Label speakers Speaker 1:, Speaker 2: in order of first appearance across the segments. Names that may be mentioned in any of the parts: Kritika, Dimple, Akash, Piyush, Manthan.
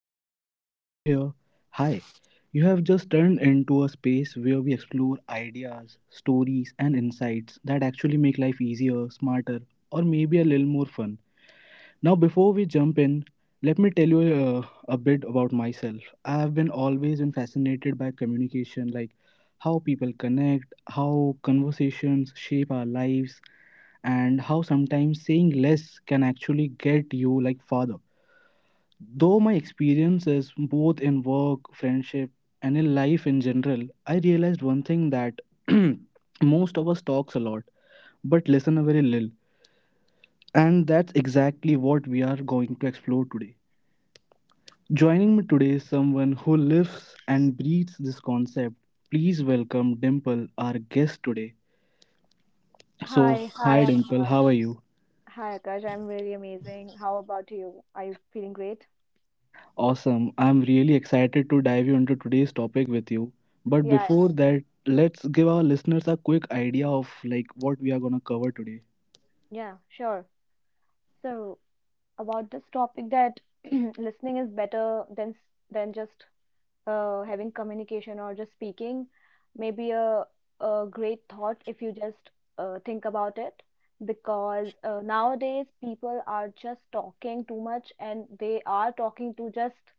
Speaker 1: and if you are new here, hi. You have just turned into a space where we explore ideas, stories, and insights that actually make life easier, smarter, or maybe a little more fun. Now, before we jump in, let me tell you a bit about myself. I have been always been fascinated by communication, like how people connect, how conversations shape our lives, and how sometimes saying less can actually get you like farther. Though my experiences both in work, friendship, and in life in general, I realized one thing that most of us talks a lot, but listen a very little. And that's exactly what we are going to explore today. Joining me today is someone who lives and breathes this concept. Please welcome Dimple, our guest today. So,
Speaker 2: Hi, hi
Speaker 1: hi Dimple,
Speaker 2: Akash.
Speaker 1: how are you?
Speaker 2: Hi Akash, I'm really amazing. How about you? Are you feeling great?
Speaker 1: Awesome. I'm really excited to dive you into today's topic with you. But
Speaker 2: Yeah,
Speaker 1: before that, let's give our listeners a quick idea of like what we are going to cover today.
Speaker 2: yeah, sure. So, about this topic that listening is better than than just having communication or just speaking, maybe a great thought if you just think about it. Because nowadays people are just talking too much and they are talking to just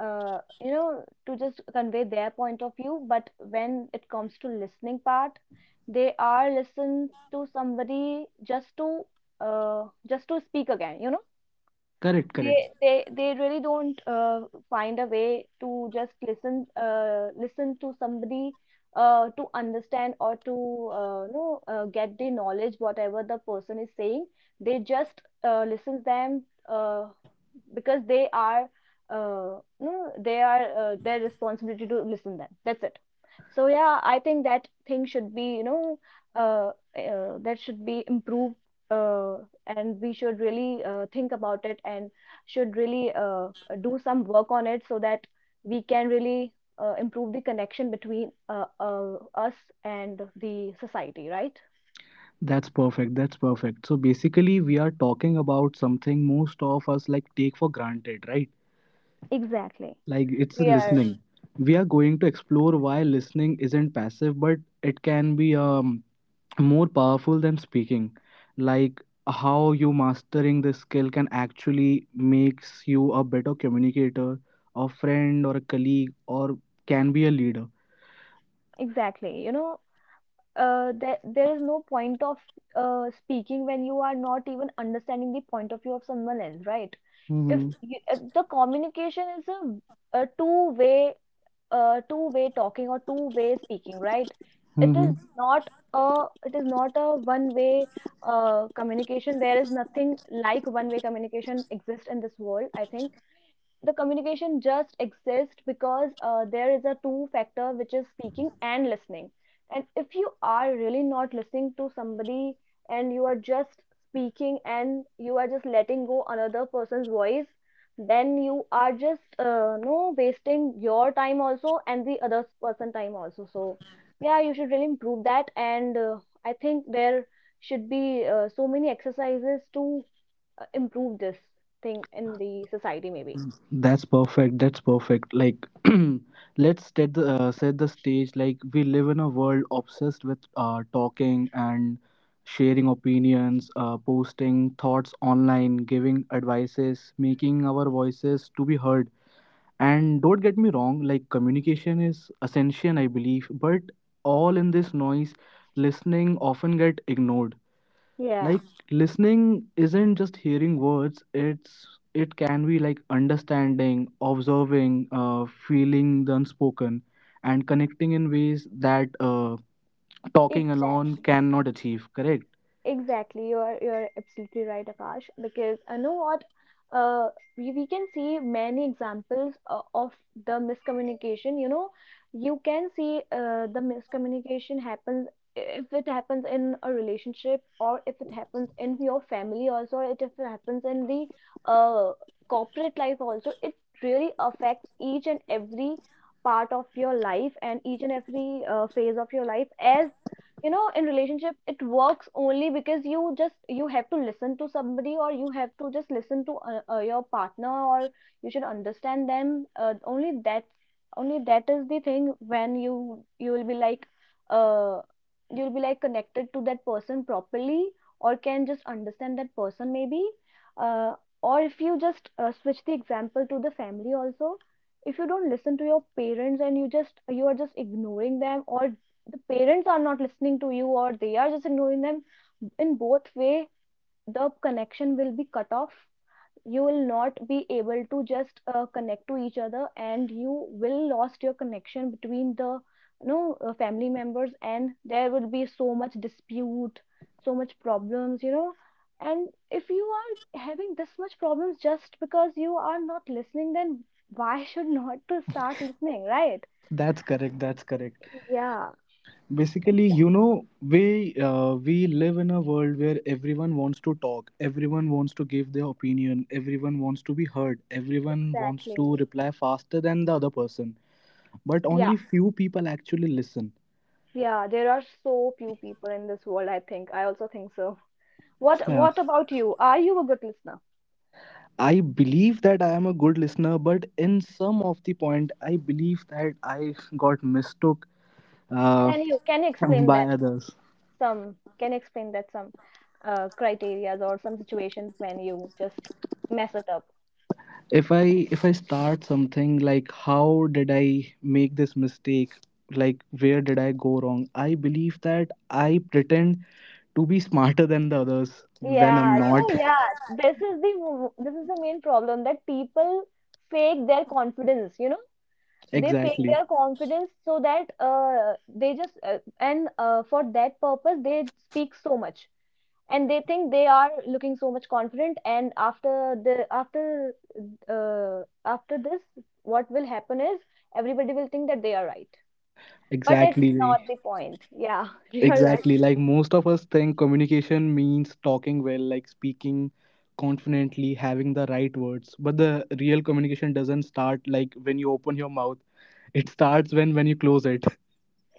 Speaker 2: to just convey their point of view, but when it comes to listening part they are listen to somebody just to speak again, you know,
Speaker 1: Correct,
Speaker 2: they
Speaker 1: correct.
Speaker 2: they they really don't find a way to just listen to somebody to understand or to know, get the knowledge whatever the person is saying. They just listen them, because they are no, they are, their responsibility to listen them, that's it. So yeah, I think that thing should be. uh, that should be improved, uh, and we should really think about it and should really do some work on it, so that we can really improve the connection between us and the society, right?
Speaker 1: That's perfect. That's perfect. So basically, we are talking about something most of us like take for granted, right?
Speaker 2: Exactly.
Speaker 1: Like it's a
Speaker 2: We are.
Speaker 1: listening. We are going to explore why listening isn't passive, but it can be more powerful than speaking, like how you mastering the skill can actually makes you a better communicator, a friend or a colleague, or can be a leader.
Speaker 2: Exactly, you know, there is no point of speaking when you are not even understanding the point of view of someone else, right? if,
Speaker 1: Mm-hmm.
Speaker 2: you, if the communication is a two way, two-way talking or two-way speaking, right? It is not a one-way communication. There is nothing like one-way communication exists in this world, I think. The communication just exists because there is a two factor which is speaking and listening. And if you are really not listening to somebody and you are just speaking and you are just letting go another person's voice, then you are just no wasting your time also and the other person time also. So yeah, you should really improve that. And I think there should be so many exercises to improve this thing in the society maybe.
Speaker 1: That's perfect. That's perfect. Like, let's set the stage. Like, we live in a world obsessed with talking and sharing opinions, posting thoughts online, giving advices, making our voices to be heard. And don't get me wrong, like, communication is essential, I believe, but all in this noise, listening often get ignored.
Speaker 2: Yeah,
Speaker 1: Like listening isn't just hearing words, it's it can be like understanding, observing, feeling the unspoken and connecting in ways that talking alone
Speaker 2: exactly.
Speaker 1: cannot achieve, correct?
Speaker 2: Exactly. You're absolutely right, Akash. Because I know what uh we can see many examples of the miscommunication. You know, you can see the miscommunication happens, if it happens in a relationship, or if it happens in your family also, or it if it happens in the uh corporate life also, it really affects each and every part of your life and each and every phase of your life. As you know, in relationship it works only because you just you have to listen to somebody, or you have to just listen to your partner, or you should understand them. Only that, only that is the thing when you will be like, uh you'll be like connected to that person properly, or can just understand that person maybe. uh, or if you just switch the example to the family also, if you don't listen to your parents and you are just ignoring them, or the parents are not listening to you, or they are just ignoring them, in both way the connection will be cut off. You will not be able to just connect to each other, and you will lost your connection between the, you know, family members, and there will be so much dispute, so much problems, you know. And if you are having this much problems just because you are not listening, then why should not to start listening, right?
Speaker 1: That's correct. That's correct.
Speaker 2: Yeah,
Speaker 1: Basically,
Speaker 2: exactly,
Speaker 1: you know, we live in a world where everyone wants to talk, everyone wants to give their opinion, everyone wants to be heard, everyone wants to
Speaker 2: exactly.
Speaker 1: reply faster than the other person, but only few people actually listen.
Speaker 2: Yeah, there are so few people in this world, I think. I also think so. What about you? Are you a good listener?
Speaker 1: I believe that I am a good listener, but in some of the point, I believe that I got mistook uh,
Speaker 2: Can you explain
Speaker 1: by
Speaker 2: that
Speaker 1: others.
Speaker 2: some, can you explain that some criterias or some situations when you just mess it up?
Speaker 1: If I start something like how did I make this mistake, like where did I go wrong, I believe that I pretend to be smarter than the others when
Speaker 2: Yeah,
Speaker 1: I'm
Speaker 2: you
Speaker 1: not.
Speaker 2: know, yeah, this is the main problem that people fake their confidence, you know? They fake
Speaker 1: Exactly,
Speaker 2: their confidence so that they just and for that purpose they speak so much, and they think they are looking so much confident. And after the after uh, after this, what will happen is everybody will think that they are right, but it's
Speaker 1: exactly.
Speaker 2: not the point. Yeah you're right.
Speaker 1: Exactly. Like most of us think communication means talking well, like speaking confidently, having the right words. But the real communication doesn't start like when you open your mouth. It starts when you close it.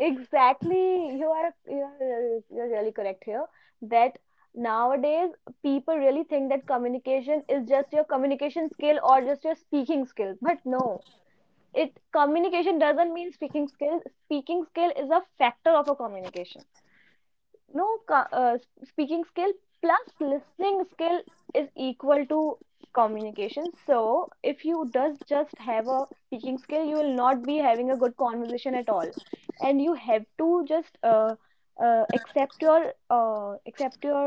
Speaker 2: Exactly. You're really correct here that nowadays people really think that communication is just your communication skill or just your speaking skill, but no, it communication doesn't mean speaking skill. Speaking skill is a factor of a communication. No, uh, speaking skill plus listening skill is equal to communication. So if you does just have a speaking skill, you will not be having a good conversation at all. And you have to just accept your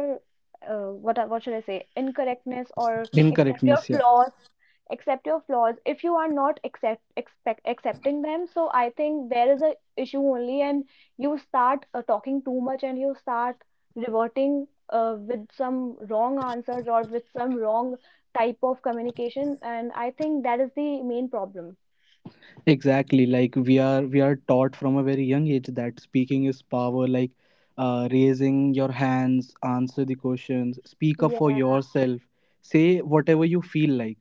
Speaker 2: what should I say, incorrectness, or accept your
Speaker 1: Incorrectness, yeah.
Speaker 2: flaws. Accept your flaws. If you are not accept expect accepting them, so I think there is a issue only, and you start talking too much, and you start reverting with some wrong answers or with some wrong type of communication. And I think that is the main problem.
Speaker 1: Exactly. Like we are taught from a very young age that speaking is power, like raising your hands, answer the questions, speak up for
Speaker 2: Yeah.
Speaker 1: yourself, say whatever you feel like.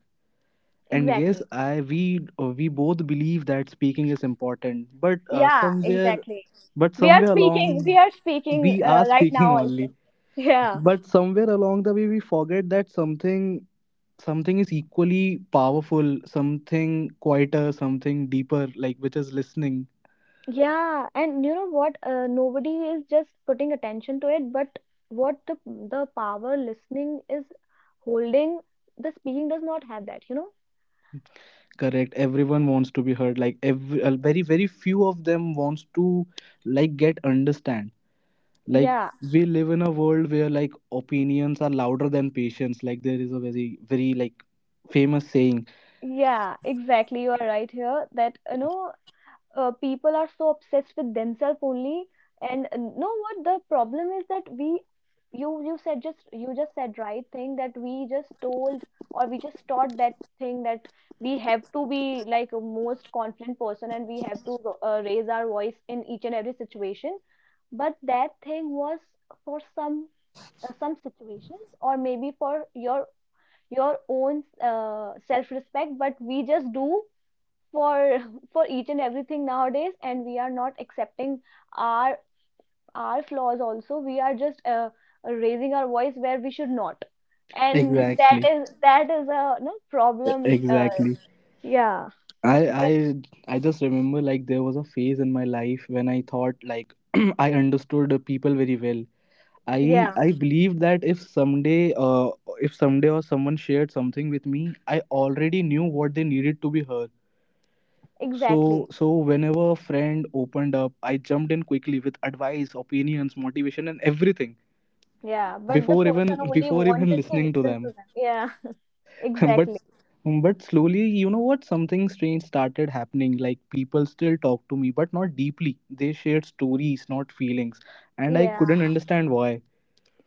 Speaker 1: And yes,
Speaker 2: Exactly.
Speaker 1: I we both believe that speaking is important, but
Speaker 2: Yeah,
Speaker 1: somewhere,
Speaker 2: exactly.
Speaker 1: but
Speaker 2: we are
Speaker 1: somewhere along
Speaker 2: speaking we are speaking
Speaker 1: we are
Speaker 2: right
Speaker 1: speaking
Speaker 2: now also.
Speaker 1: only,
Speaker 2: Yeah.
Speaker 1: but somewhere along the way we forget that something, something is equally powerful, something quieter, something deeper, like which is listening.
Speaker 2: Yeah, and you know what? Nobody is just putting attention to it, but what the power listening is holding, the speaking does not have that, you know?
Speaker 1: Correct, everyone wants to be heard, like every very very few of them wants to like get understand, like
Speaker 2: Yeah.
Speaker 1: we live in a world where like opinions are louder than patience, like there is a very very like famous saying.
Speaker 2: Yeah, exactly. You are right here that you know, people are so obsessed with themselves only, and know what the problem is, that we, you just said right thing, that we just told, or we just taught that thing, that we have to be like a most confident person, and we have to raise our voice in each and every situation. But that thing was for some situations, or maybe for your own self respect, but we just do for for each and everything nowadays, and we are not accepting our our flaws also. We are just raising our voice where we should not, and
Speaker 1: Exactly.
Speaker 2: that is a no
Speaker 1: E-
Speaker 2: problem. uh,
Speaker 1: exactly
Speaker 2: yeah,
Speaker 1: i
Speaker 2: but
Speaker 1: i just remember like there was a phase in my life when I thought like I understood the people very well. i
Speaker 2: yeah,
Speaker 1: i believed that if someday or someone shared something with me, I already knew what they needed to be heard. So,
Speaker 2: exactly.
Speaker 1: so whenever a friend opened up, I jumped in quickly with advice, opinions, motivation, and everything
Speaker 2: Yeah, but the person only
Speaker 1: before even
Speaker 2: wanted to
Speaker 1: listening to
Speaker 2: listen to
Speaker 1: them.
Speaker 2: them. Yeah
Speaker 1: but
Speaker 2: exactly.
Speaker 1: but slowly, you know what? Something strange started happening. Like people still talk to me, but not deeply. They shared stories, not feelings, and I
Speaker 2: Yeah,
Speaker 1: couldn't understand why.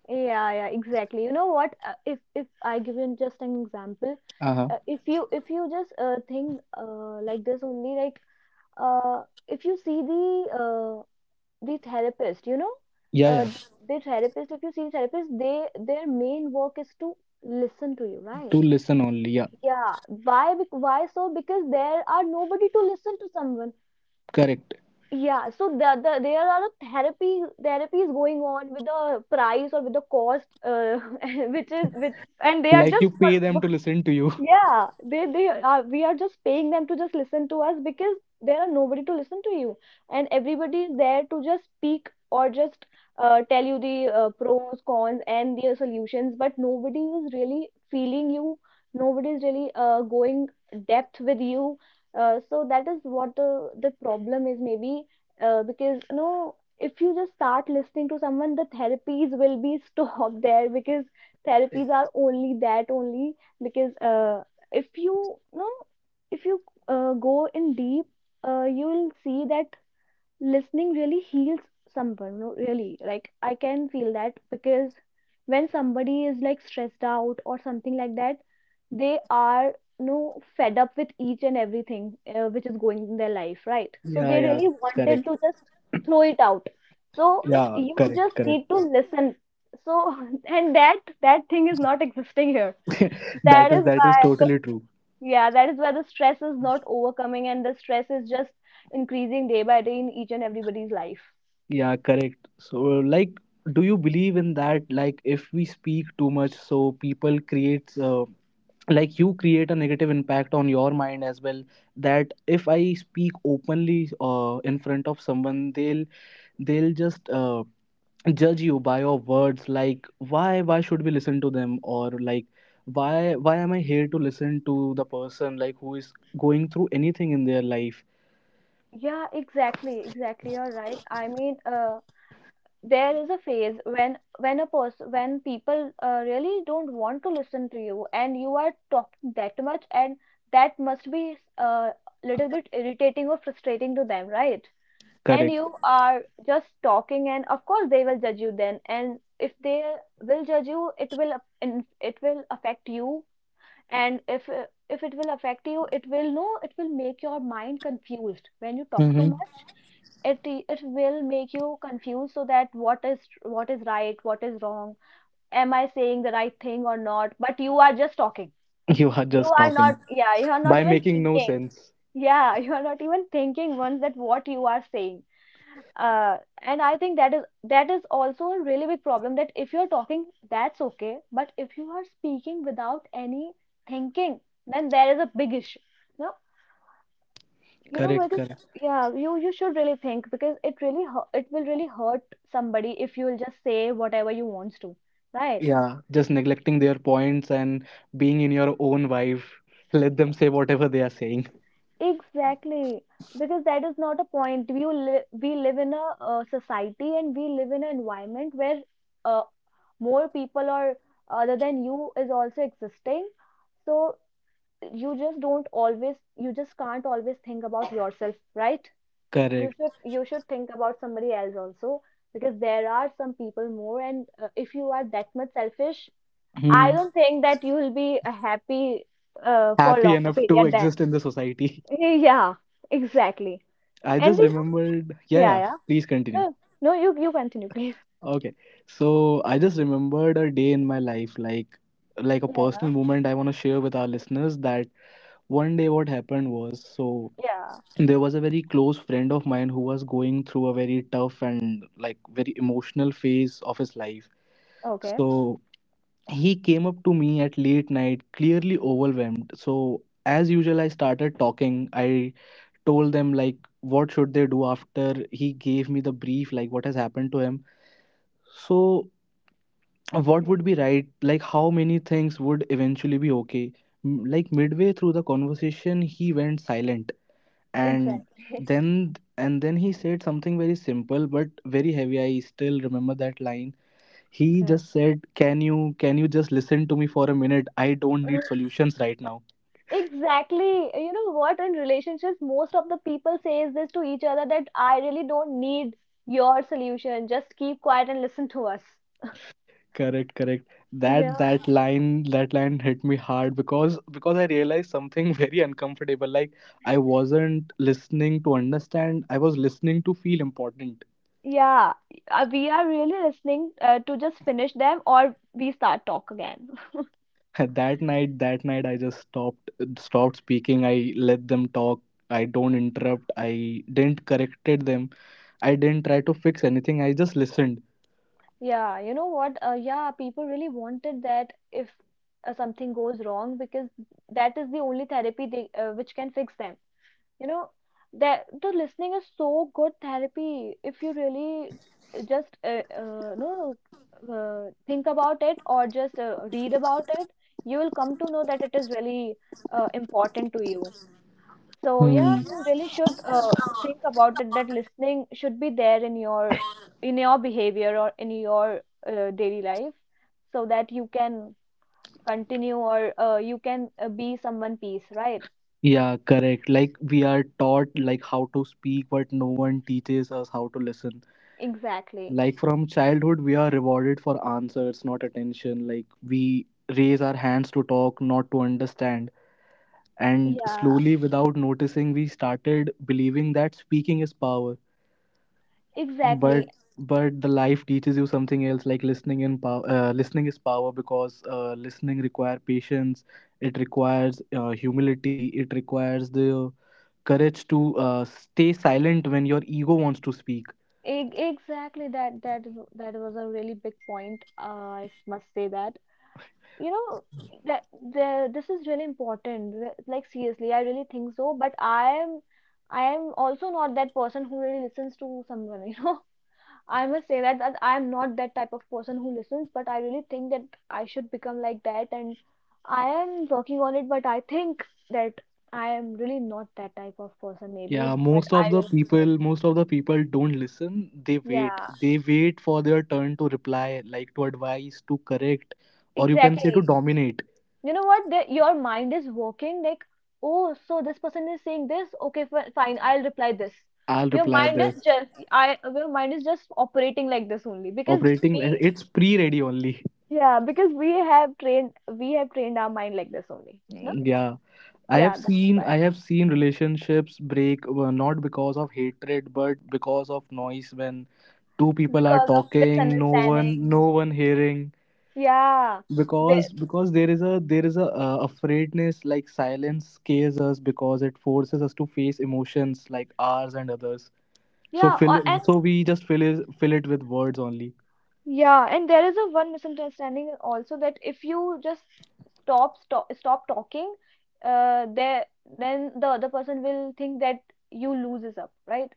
Speaker 2: yeah, yeah, exactly. You know what, if I give you just an example,
Speaker 1: Uh huh.
Speaker 2: if you just think like this only, like, if you see the, the therapist, you know,
Speaker 1: Yeah,
Speaker 2: uh,
Speaker 1: yeah.
Speaker 2: the therapist, if you see therapist, they their main work is to listen to you,
Speaker 1: To
Speaker 2: right?
Speaker 1: listen only. Yeah,
Speaker 2: Yeah. Why? Why so? Because there are nobody to listen to someone.
Speaker 1: correct.
Speaker 2: Yeah. So the there are a therapy therapies going on with the price or with the cost, which is which. And they are
Speaker 1: Like
Speaker 2: just
Speaker 1: you pay them to listen to you.
Speaker 2: yeah, they are, we are just paying them to just listen to us, because there are nobody to listen to you, and everybody is there to just speak or just tell you the pros, cons, and their solutions. But nobody is really feeling you. Nobody is really going depth with you. So that is what the problem is maybe, because you know, if you just start listening to someone, the therapies will be stopped there, because therapies are only that only, because if you know, if you go in deep, you will see that listening really heals someone. No, really, like, I can feel that, because when somebody is like stressed out or something like that, they are, you know, fed up with each and everything which is going in their life, right? So
Speaker 1: Yeah,
Speaker 2: they
Speaker 1: yeah.
Speaker 2: really wanted
Speaker 1: Correct.
Speaker 2: to just throw it out, so
Speaker 1: Yeah,
Speaker 2: you
Speaker 1: correct,
Speaker 2: just
Speaker 1: correct.
Speaker 2: need to listen. So and that that thing is not existing here.
Speaker 1: That
Speaker 2: That
Speaker 1: is,
Speaker 2: is
Speaker 1: that
Speaker 2: why
Speaker 1: is
Speaker 2: the,
Speaker 1: totally true.
Speaker 2: yeah, that is why the stress is not overcoming, and the stress is just increasing day by day in each and everybody's life.
Speaker 1: Yeah, correct. So, like, do you believe in that? Like, if we speak too much, so people creates like you create a negative impact on your mind as well. That if I speak openly in front of someone, they'll just judge you by your words. Like, why should we listen to them? Or like, why am I here to listen to the person like who is going through anything in their life?
Speaker 2: Yeah, exactly, exactly. You're right. I mean, there is a phase when a person when people really don't want to listen to you, and you are talking that much, and that must be a, little bit irritating or frustrating to them, right? And
Speaker 1: Correct.
Speaker 2: you are just talking, and of course they will judge you then. And if they will judge you, it will affect you. And if if it will affect you, it will, no, it will make your mind confused when you talk too
Speaker 1: Hmm.
Speaker 2: much. It it will make you confused, so that what is right, what is wrong, am I saying the right thing or not? But you are just talking.
Speaker 1: You are
Speaker 2: You
Speaker 1: just
Speaker 2: are
Speaker 1: talking
Speaker 2: not, yeah, you are not
Speaker 1: by
Speaker 2: even
Speaker 1: making no
Speaker 2: thinking.
Speaker 1: sense.
Speaker 2: Yeah, you are not even thinking once that what you are saying. And I think that is also a really big problem that if you're talking, that's okay, but if you are speaking without any thinking, then there is a big issue. Now, you know,
Speaker 1: Correct,
Speaker 2: because
Speaker 1: correct.
Speaker 2: yeah, you should really think because it will really hurt somebody if you will just say whatever you wants to, right?
Speaker 1: Yeah, just neglecting their points and being in your own vibe. Let them say whatever they are saying.
Speaker 2: Exactly. Because that is not a point. We live in a society, and we live in an environment where uh, more people or other than you is also existing. So you just don't always, you just can't always think about yourself, right? you
Speaker 1: Correct.
Speaker 2: should you should think about somebody else also, because there are some people more, and if you are that much selfish, I
Speaker 1: Hmm.
Speaker 2: don't think that you will be happy for
Speaker 1: Happy
Speaker 2: longer
Speaker 1: enough to
Speaker 2: period then.
Speaker 1: exist in the society.
Speaker 2: Yeah, exactly.
Speaker 1: I
Speaker 2: And
Speaker 1: just
Speaker 2: you know,
Speaker 1: remembered. Yeah,
Speaker 2: yeah,
Speaker 1: yeah.
Speaker 2: yeah,
Speaker 1: Please continue.
Speaker 2: no, no, you continue, please.
Speaker 1: Okay. So I just remembered a day in my life, like a personal
Speaker 2: Yeah,
Speaker 1: moment I want to share with our listeners that one day what happened was, so
Speaker 2: yeah,
Speaker 1: there was a very close friend of mine who was going through a very tough and like very emotional phase of his life.
Speaker 2: okay.
Speaker 1: So he came up to me at late night, clearly overwhelmed. So as usual, I started talking. I told them like what should they do after he gave me the brief like what has happened to him. So what
Speaker 2: Yeah,
Speaker 1: would be right, like how many things would eventually be okay. M- like midway through the conversation, he went silent. and
Speaker 2: exactly.
Speaker 1: then and then he said something very simple but very heavy. I still remember that line. He
Speaker 2: Okay.
Speaker 1: just said, can you just listen to me for a minute, I don't need solutions right now.
Speaker 2: Exactly. You know what? In relationships, most of the people says this to each other that I really don't need your solution. Just keep quiet and listen to us.
Speaker 1: Correct, correct.
Speaker 2: Yeah.
Speaker 1: That line, that line hit me hard, because I realized something very uncomfortable, like I wasn't listening to understand, I was listening to feel important.
Speaker 2: Yeah, we are really listening to just finish them, or we start talk again.
Speaker 1: That night I just stopped, stopped speaking. I let them talk. I don't interrupt. I didn't corrected them. I didn't try to fix anything. I just listened.
Speaker 2: Yeah, you know what? Yeah, people really wanted that if something goes wrong, because that is the only therapy they, which can fix them. You know that the listening is so good therapy. If you really just no think about it or just read about it, you will come to know that it is really important to you. So yeah,
Speaker 1: Hmm.
Speaker 2: you really should think about it that listening should be there in your behavior, or in your daily life, so that you can continue, or you can be someone peace, right?
Speaker 1: Yeah, correct, like we are taught like how to speak, but no one teaches us how to listen.
Speaker 2: Exactly.
Speaker 1: Like from childhood we are rewarded for answers, not attention. Like we raise our hands to talk, not to understand. And
Speaker 2: Yeah,
Speaker 1: slowly, without noticing, we started believing that speaking is power. but
Speaker 2: exactly.
Speaker 1: but the life teaches you something else, like listening in power. Listening is power, because listening require patience, it requires humility, it requires the courage to stay silent when your ego wants to speak.
Speaker 2: Exactly, that was a really big point. I must say that, you know, that the this is really important. Like seriously, I really think so. But I am also not that person who really listens to someone. You know, I must say that I am not that type of person who listens. But I really think that I should become like that, and I am working on it. But I think that I am really not that type of person. Maybe,
Speaker 1: Yeah,
Speaker 2: but
Speaker 1: most
Speaker 2: I
Speaker 1: of the
Speaker 2: really should.
Speaker 1: people most of the people don't listen. They wait,
Speaker 2: Yeah,
Speaker 1: they wait for their turn to reply, like to advise, to correct, or you can say to
Speaker 2: exactly.
Speaker 1: dominate.
Speaker 2: You know what, that your mind is working like, oh, so this person is saying this, okay, fine, I'll reply this.
Speaker 1: I'll
Speaker 2: Your
Speaker 1: reply
Speaker 2: mind is
Speaker 1: this.
Speaker 2: just I your mind is just operating like this only, because
Speaker 1: Operating
Speaker 2: we,
Speaker 1: li- it's pre-ready only.
Speaker 2: yeah, because we have trained, we have trained our mind like this only, no.
Speaker 1: Yeah. I
Speaker 2: Yeah,
Speaker 1: have
Speaker 2: that's
Speaker 1: seen
Speaker 2: why.
Speaker 1: I have seen relationships break not because of hatred but because of noise, when two people are
Speaker 2: Because of
Speaker 1: talking, no
Speaker 2: misunderstanding.
Speaker 1: one, no one hearing.
Speaker 2: Yeah, they,
Speaker 1: Because there is a, there is a afraidness, like silence scares us because it forces us to face emotions, like ours and others. So
Speaker 2: yeah, or,
Speaker 1: fill, so we just fill it with words only.
Speaker 2: yeah, and there is a one misunderstanding also that if you just stop talking, there then the other person will think that you loses up, right?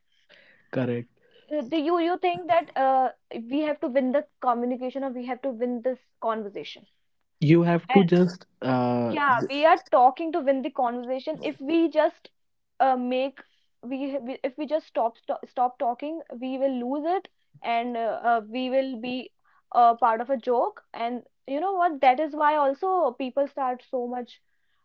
Speaker 1: Correct.
Speaker 2: Do you think that we have to win the communication, or we have to win this conversation?
Speaker 1: You have to just
Speaker 2: Yeah, we are talking to win the conversation. If we just make, we, if we just stop, stop talking, we will lose it. And we will be part of a joke. And you know what, that is why also people start so much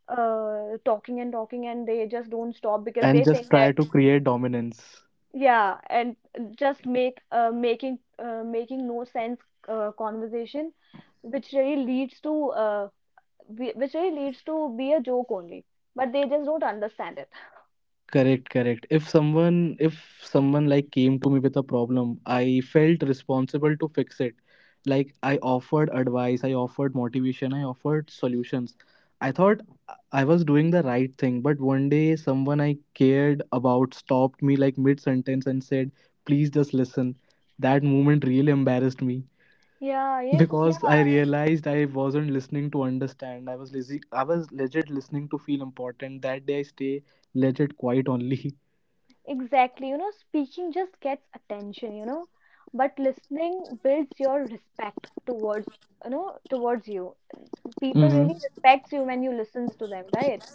Speaker 2: talking and talking, and they just don't stop because
Speaker 1: And
Speaker 2: they think
Speaker 1: just
Speaker 2: that,
Speaker 1: try to create dominance.
Speaker 2: yeah, and just make making making no sense conversation, which really leads to which really leads to be a joke only. But they just don't understand it.
Speaker 1: Correct, correct. If someone like came to me with a problem, I felt responsible to fix it. Like I offered advice, I offered motivation, I offered solutions. I thought I was doing the right thing, but one day someone I cared about stopped me like mid sentence and said, "Please just listen." That moment really embarrassed me
Speaker 2: Yeah, yeah, oh, yeah,
Speaker 1: because I realized I wasn't listening to understand. I was lazy. I was legit listening to feel important. That day I stay legit quiet only.
Speaker 2: exactly. You know, speaking just gets attention, you know, but listening builds your respect towards, you know, towards you. People
Speaker 1: Mm-hmm.
Speaker 2: really respects you when you listens to them, right?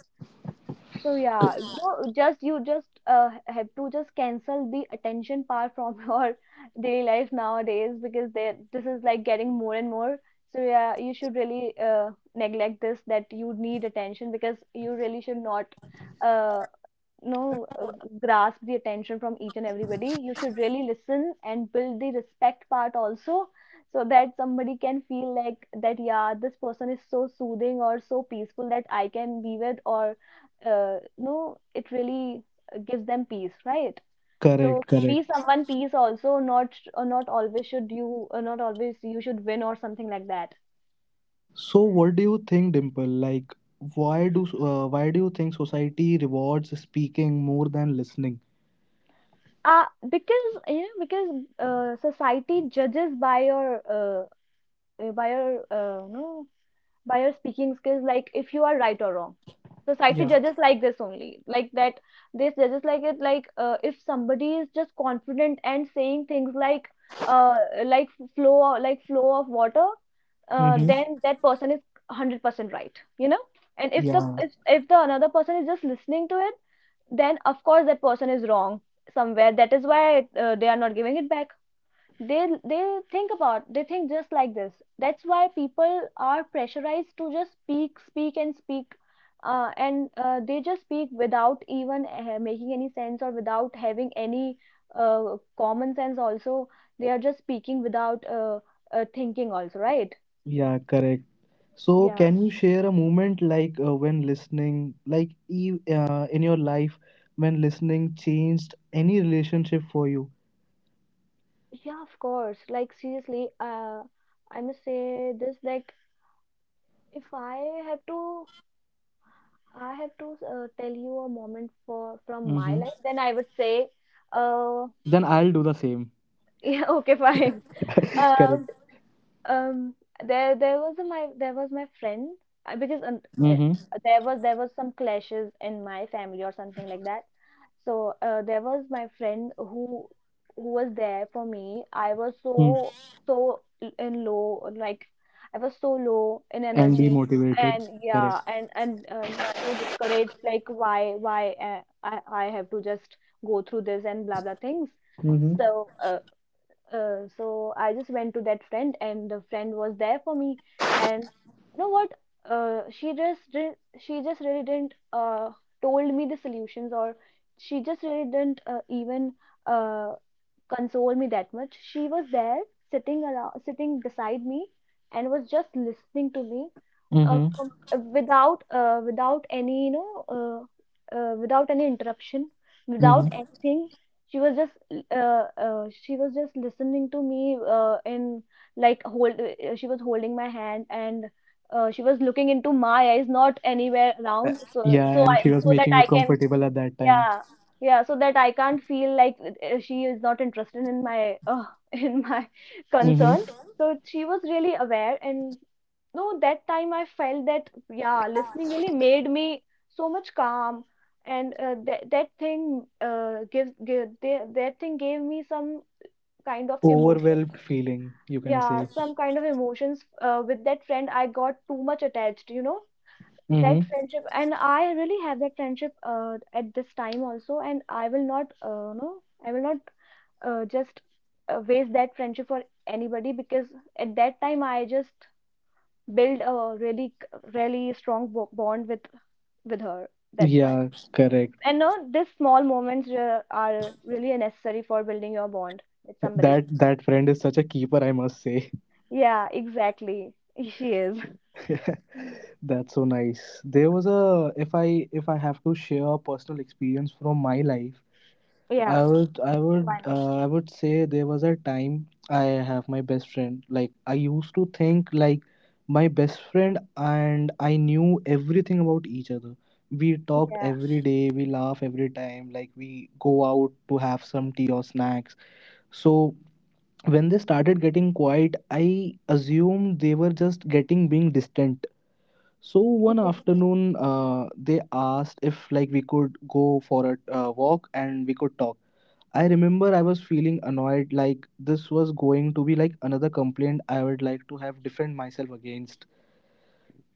Speaker 2: So yeah, no, just you just have to just cancel the attention part from your daily life nowadays, because they, this is like getting more and more. So yeah, you should really neglect this that you need attention, because you really should not uh, know grasp the attention from each and everybody. You should really listen and build the respect part also, so that somebody can feel like that yeah, this person is so soothing or so peaceful that I can be with. Or no it really gives them peace, right? So
Speaker 1: Correct,
Speaker 2: be
Speaker 1: correct.
Speaker 2: someone peace also, not, or not always should you, or not always you should win or something like that.
Speaker 1: So, what do you think, Dimple? Like, why do you think society rewards speaking more than listening?
Speaker 2: uh because, you know, because society judges by your, by your no by your speaking skills, like if you are right or wrong. Society
Speaker 1: Yeah.
Speaker 2: judges like this only. Like that, this judges like it, like if somebody is just confident and saying things uh like flow of water,
Speaker 1: Mm-hmm.
Speaker 2: then that person is 100% right, you know. And if the,
Speaker 1: Yeah.
Speaker 2: if the another person is just listening to it, then of course that person is wrong somewhere. That is why they are not giving it back. They think about, they think just like this. That's why people are pressurized to just speak, speak, and speak, and they just speak without even making any sense, or without having any common sense also. They are just speaking without thinking also, right?
Speaker 1: Yeah. Correct. So,
Speaker 2: Yeah,
Speaker 1: can you share a moment like when listening, like e- in your life, when listening changed any relationship for you?
Speaker 2: yeah, of course. Like, seriously, I must say this, like, if I have to, I have to tell you a moment for from my
Speaker 1: Mm-hmm.
Speaker 2: life. Then I would say, uh,
Speaker 1: Then I'll do the same.
Speaker 2: yeah, okay, fine. Uh,
Speaker 1: Correct.
Speaker 2: um, there was my friend. Uh, because um, uh,
Speaker 1: Mm-hmm.
Speaker 2: there was some clashes in my family or something like that. So there was my friend who, was there for me. I was
Speaker 1: Mm.
Speaker 2: so in low, like I was so low in
Speaker 1: And be
Speaker 2: energy,
Speaker 1: motivated.
Speaker 2: and yeah,
Speaker 1: Correct.
Speaker 2: and so discouraged, like why I have to just go through this and blah blah things.
Speaker 1: Mm-hmm.
Speaker 2: So uh, so I just went to that friend, and the friend was there for me. And you know what? She just did, not, she just really didn't told me the solutions, or she just really didn't even uh console me that much. She was there sitting around, sitting beside me, and was just listening to me, uh,
Speaker 1: Mm-hmm.
Speaker 2: com- uh, without uh, without any interruption, without
Speaker 1: Mm-hmm.
Speaker 2: anything. She was just, she was just listening to me, in like hold she was holding my hand, and she was looking into my eyes, not anywhere
Speaker 1: Uh,
Speaker 2: around, so,
Speaker 1: yeah,
Speaker 2: I,
Speaker 1: and she was
Speaker 2: so that
Speaker 1: making you
Speaker 2: I can,
Speaker 1: comfortable at that time.
Speaker 2: yeah, yeah, so that I can't feel like she is not interested in my, in my concern.
Speaker 1: Mm-hmm.
Speaker 2: So she was really aware, and no, that time I felt that yeah, listening really made me so much calm. And that, that thing gave me some kind of emotion.
Speaker 1: Overwhelmed feeling, you can
Speaker 2: Yeah,
Speaker 1: say.
Speaker 2: some kind of emotions. With that friend I got too much attached, you know, that
Speaker 1: Mm-hmm.
Speaker 2: friendship. And I really have that friendship at this time also, and I will not, I will not just waste that friendship for anybody, because at that time I just build a really, really strong bond with her. That's why.
Speaker 1: Yeah, correct.
Speaker 2: And no, these small moments are really necessary for building your bond with somebody.
Speaker 1: That, that friend is such a keeper, I must say.
Speaker 2: Yeah, exactly. She is.
Speaker 1: That's so nice. There was a, if I have to share a personal experience from my life,
Speaker 2: Yeah.
Speaker 1: I would, I
Speaker 2: Why
Speaker 1: would,
Speaker 2: not?
Speaker 1: uh, I would say there was a time I have my best friend. Like I used to think like my best friend and I knew everything about each other. We talked
Speaker 2: Yeah,
Speaker 1: every day. We laugh every time. Like we go out to have some tea or snacks. So when they started getting quiet, I assumed they were just getting being distant. So one
Speaker 2: yeah,
Speaker 1: afternoon, they asked if like we could go for a walk and we could talk. I remember I was feeling annoyed, like this was going to be like another complaint I would like to have defend myself against.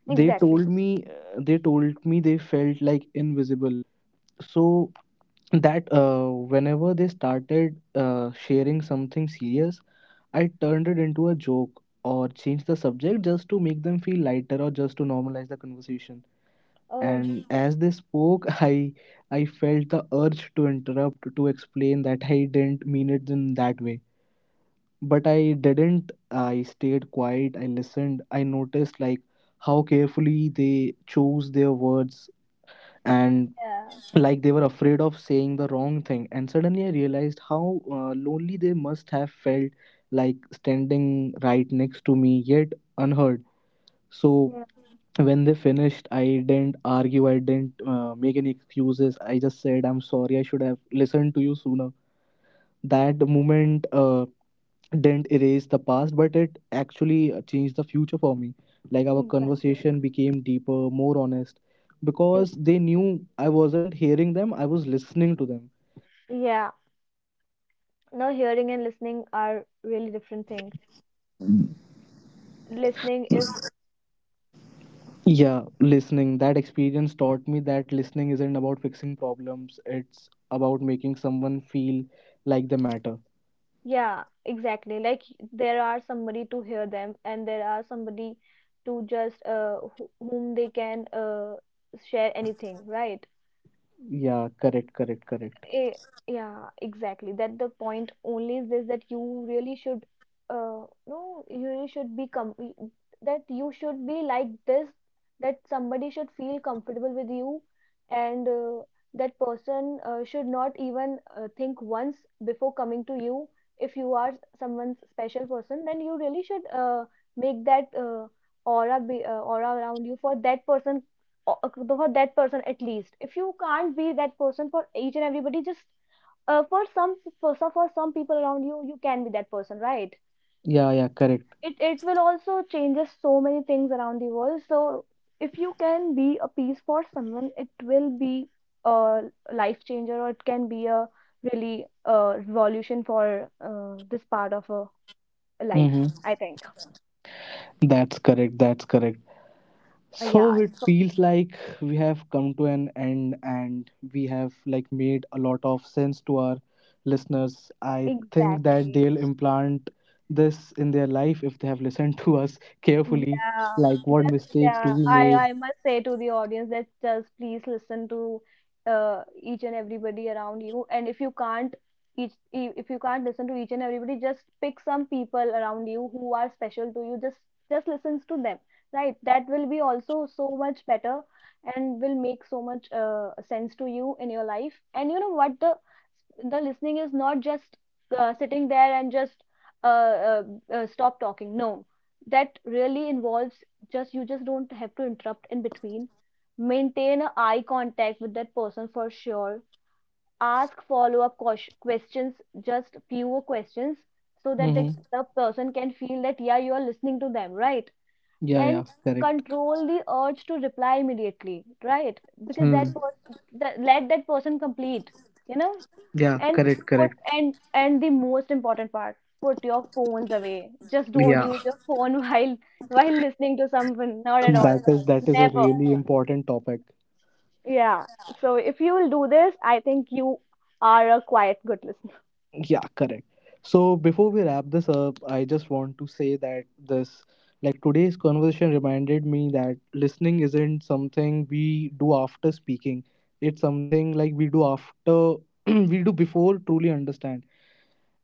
Speaker 1: They
Speaker 2: exactly.
Speaker 1: told me uh, they told me they felt like invisible. So that whenever they started sharing something serious, I turned it into a joke or changed the subject just to make them feel lighter or just to normalize the conversation.
Speaker 2: Oh,
Speaker 1: And as they spoke, I felt the urge to interrupt, to explain that I didn't mean it in that way, but I didn't. I stayed quiet. I listened. I noticed like how carefully they chose their words, and
Speaker 2: yeah.
Speaker 1: like they were afraid of saying the wrong thing. And suddenly I realized how lonely they must have felt, like standing right next to me yet unheard. So
Speaker 2: Yeah,
Speaker 1: when they finished, I didn't argue. I didn't make any excuses. I just said, I'm sorry. I should have listened to you sooner. That moment, didn't erase the past, but it actually changed the future for me. Like our
Speaker 2: exactly.
Speaker 1: conversation became deeper, more honest, because they
Speaker 2: Exactly.
Speaker 1: knew I wasn't hearing them, I was listening to them.
Speaker 2: Yeah. Now hearing and listening are really different things. Listening is,
Speaker 3: Yeah, listening. That experience taught me that listening isn't about fixing problems, it's about making someone feel like they matter.
Speaker 2: yeah, exactly. Like, there are somebody to hear them, and there are somebody to just whom they can share anything, right?
Speaker 3: Yeah, correct, correct, correct.
Speaker 2: Eh, yeah, exactly. That the point only is this, that you really should, no, you really should be com that you should be like this, that somebody should feel comfortable with you, and that person should not even think once before coming to you. If you are someone's special person, then you really should make that, aura around you for that person, for that person. At least if you can't be that person for each and everybody, just for some, for some people around you can be that person, right?
Speaker 3: Yeah, yeah, correct.
Speaker 2: It will also changes so many things around the world. So if you can be a piece for someone, it will be a life changer, or it can be a really revolution for this part of a life,
Speaker 3: Mm-hmm.
Speaker 2: I think.
Speaker 3: That's correct, that's correct.
Speaker 2: Yeah,
Speaker 3: So it
Speaker 2: so
Speaker 3: feels like we have come to an end and we have like made a lot of sense to our listeners. I think that
Speaker 2: exactly.
Speaker 3: they'll implant this in their life if they have listened to us carefully.
Speaker 2: Yeah,
Speaker 3: Like, what
Speaker 2: just
Speaker 3: mistakes
Speaker 2: yeah.
Speaker 3: do we
Speaker 2: I
Speaker 3: made?
Speaker 2: I must say to the audience that just please listen to each and everybody around you. And if you can't if you can't listen to each and everybody, just pick some people around you who are special to you. Just listens to them, right? That will be also so much better, and will make so much sense to you in your life. And you know what, the listening is not just sitting there and just uh, uh, stop talking. No, that really involves, just you just don't have to interrupt in between, maintain a eye contact with that person for sure, ask follow up questions, just fewer questions, so that
Speaker 3: Mhm.
Speaker 2: the person can feel that yeah, you are listening to them, right?
Speaker 3: Yeah,
Speaker 2: And
Speaker 3: yeah, correct.
Speaker 2: control the urge to reply immediately, right? Because that
Speaker 3: Hmm.
Speaker 2: person, that, let that person complete, you know.
Speaker 3: Yeah,
Speaker 2: And
Speaker 3: correct,
Speaker 2: put,
Speaker 3: correct.
Speaker 2: and the most important part, put your phones away, just don't
Speaker 3: Yeah,
Speaker 2: use your phone while listening to someone, not at all,
Speaker 3: that is a
Speaker 2: never.
Speaker 3: really important topic.
Speaker 2: Yeah, so if you will do this, I think you are a quite good listener.
Speaker 3: Yeah, correct. So before we wrap this up, I just want to say that this like today's conversation reminded me that listening isn't something we do after speaking. It's something like we do after we do before truly understand.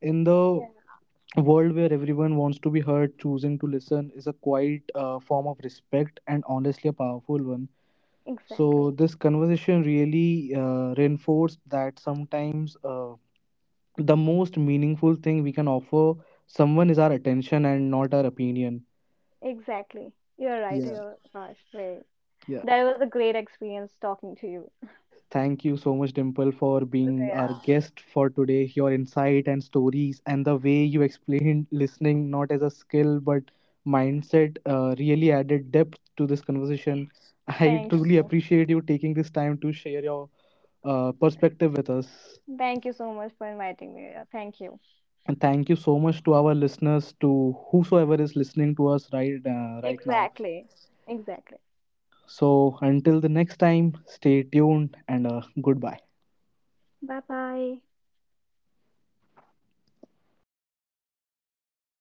Speaker 3: In the
Speaker 2: Yeah,
Speaker 3: world where everyone wants to be heard, choosing to listen is a quiet form of respect, and honestly a powerful one.
Speaker 2: exactly,
Speaker 3: So this conversation really reinforced that sometimes the most meaningful thing we can offer someone is our attention and not our opinion.
Speaker 2: exactly. You're right,
Speaker 3: Yeah.
Speaker 2: you're gosh. Right.
Speaker 3: Yeah,
Speaker 2: That was a great experience talking to you.
Speaker 3: thank you so much, Dimple, for being
Speaker 2: Yeah,
Speaker 3: our guest for today. Your insight and stories, and the way you explained listening not as a skill but mindset, really added depth to this conversation. I
Speaker 2: thank
Speaker 3: truly
Speaker 2: you.
Speaker 3: appreciate you taking this time to share your perspective with us.
Speaker 2: Thank you so much for inviting me. Yeah, thank you.
Speaker 3: And thank you so much to our listeners, to whosoever is listening to us right right now.
Speaker 2: Exactly, exactly.
Speaker 3: So until the next time, stay tuned and goodbye.
Speaker 2: Bye bye.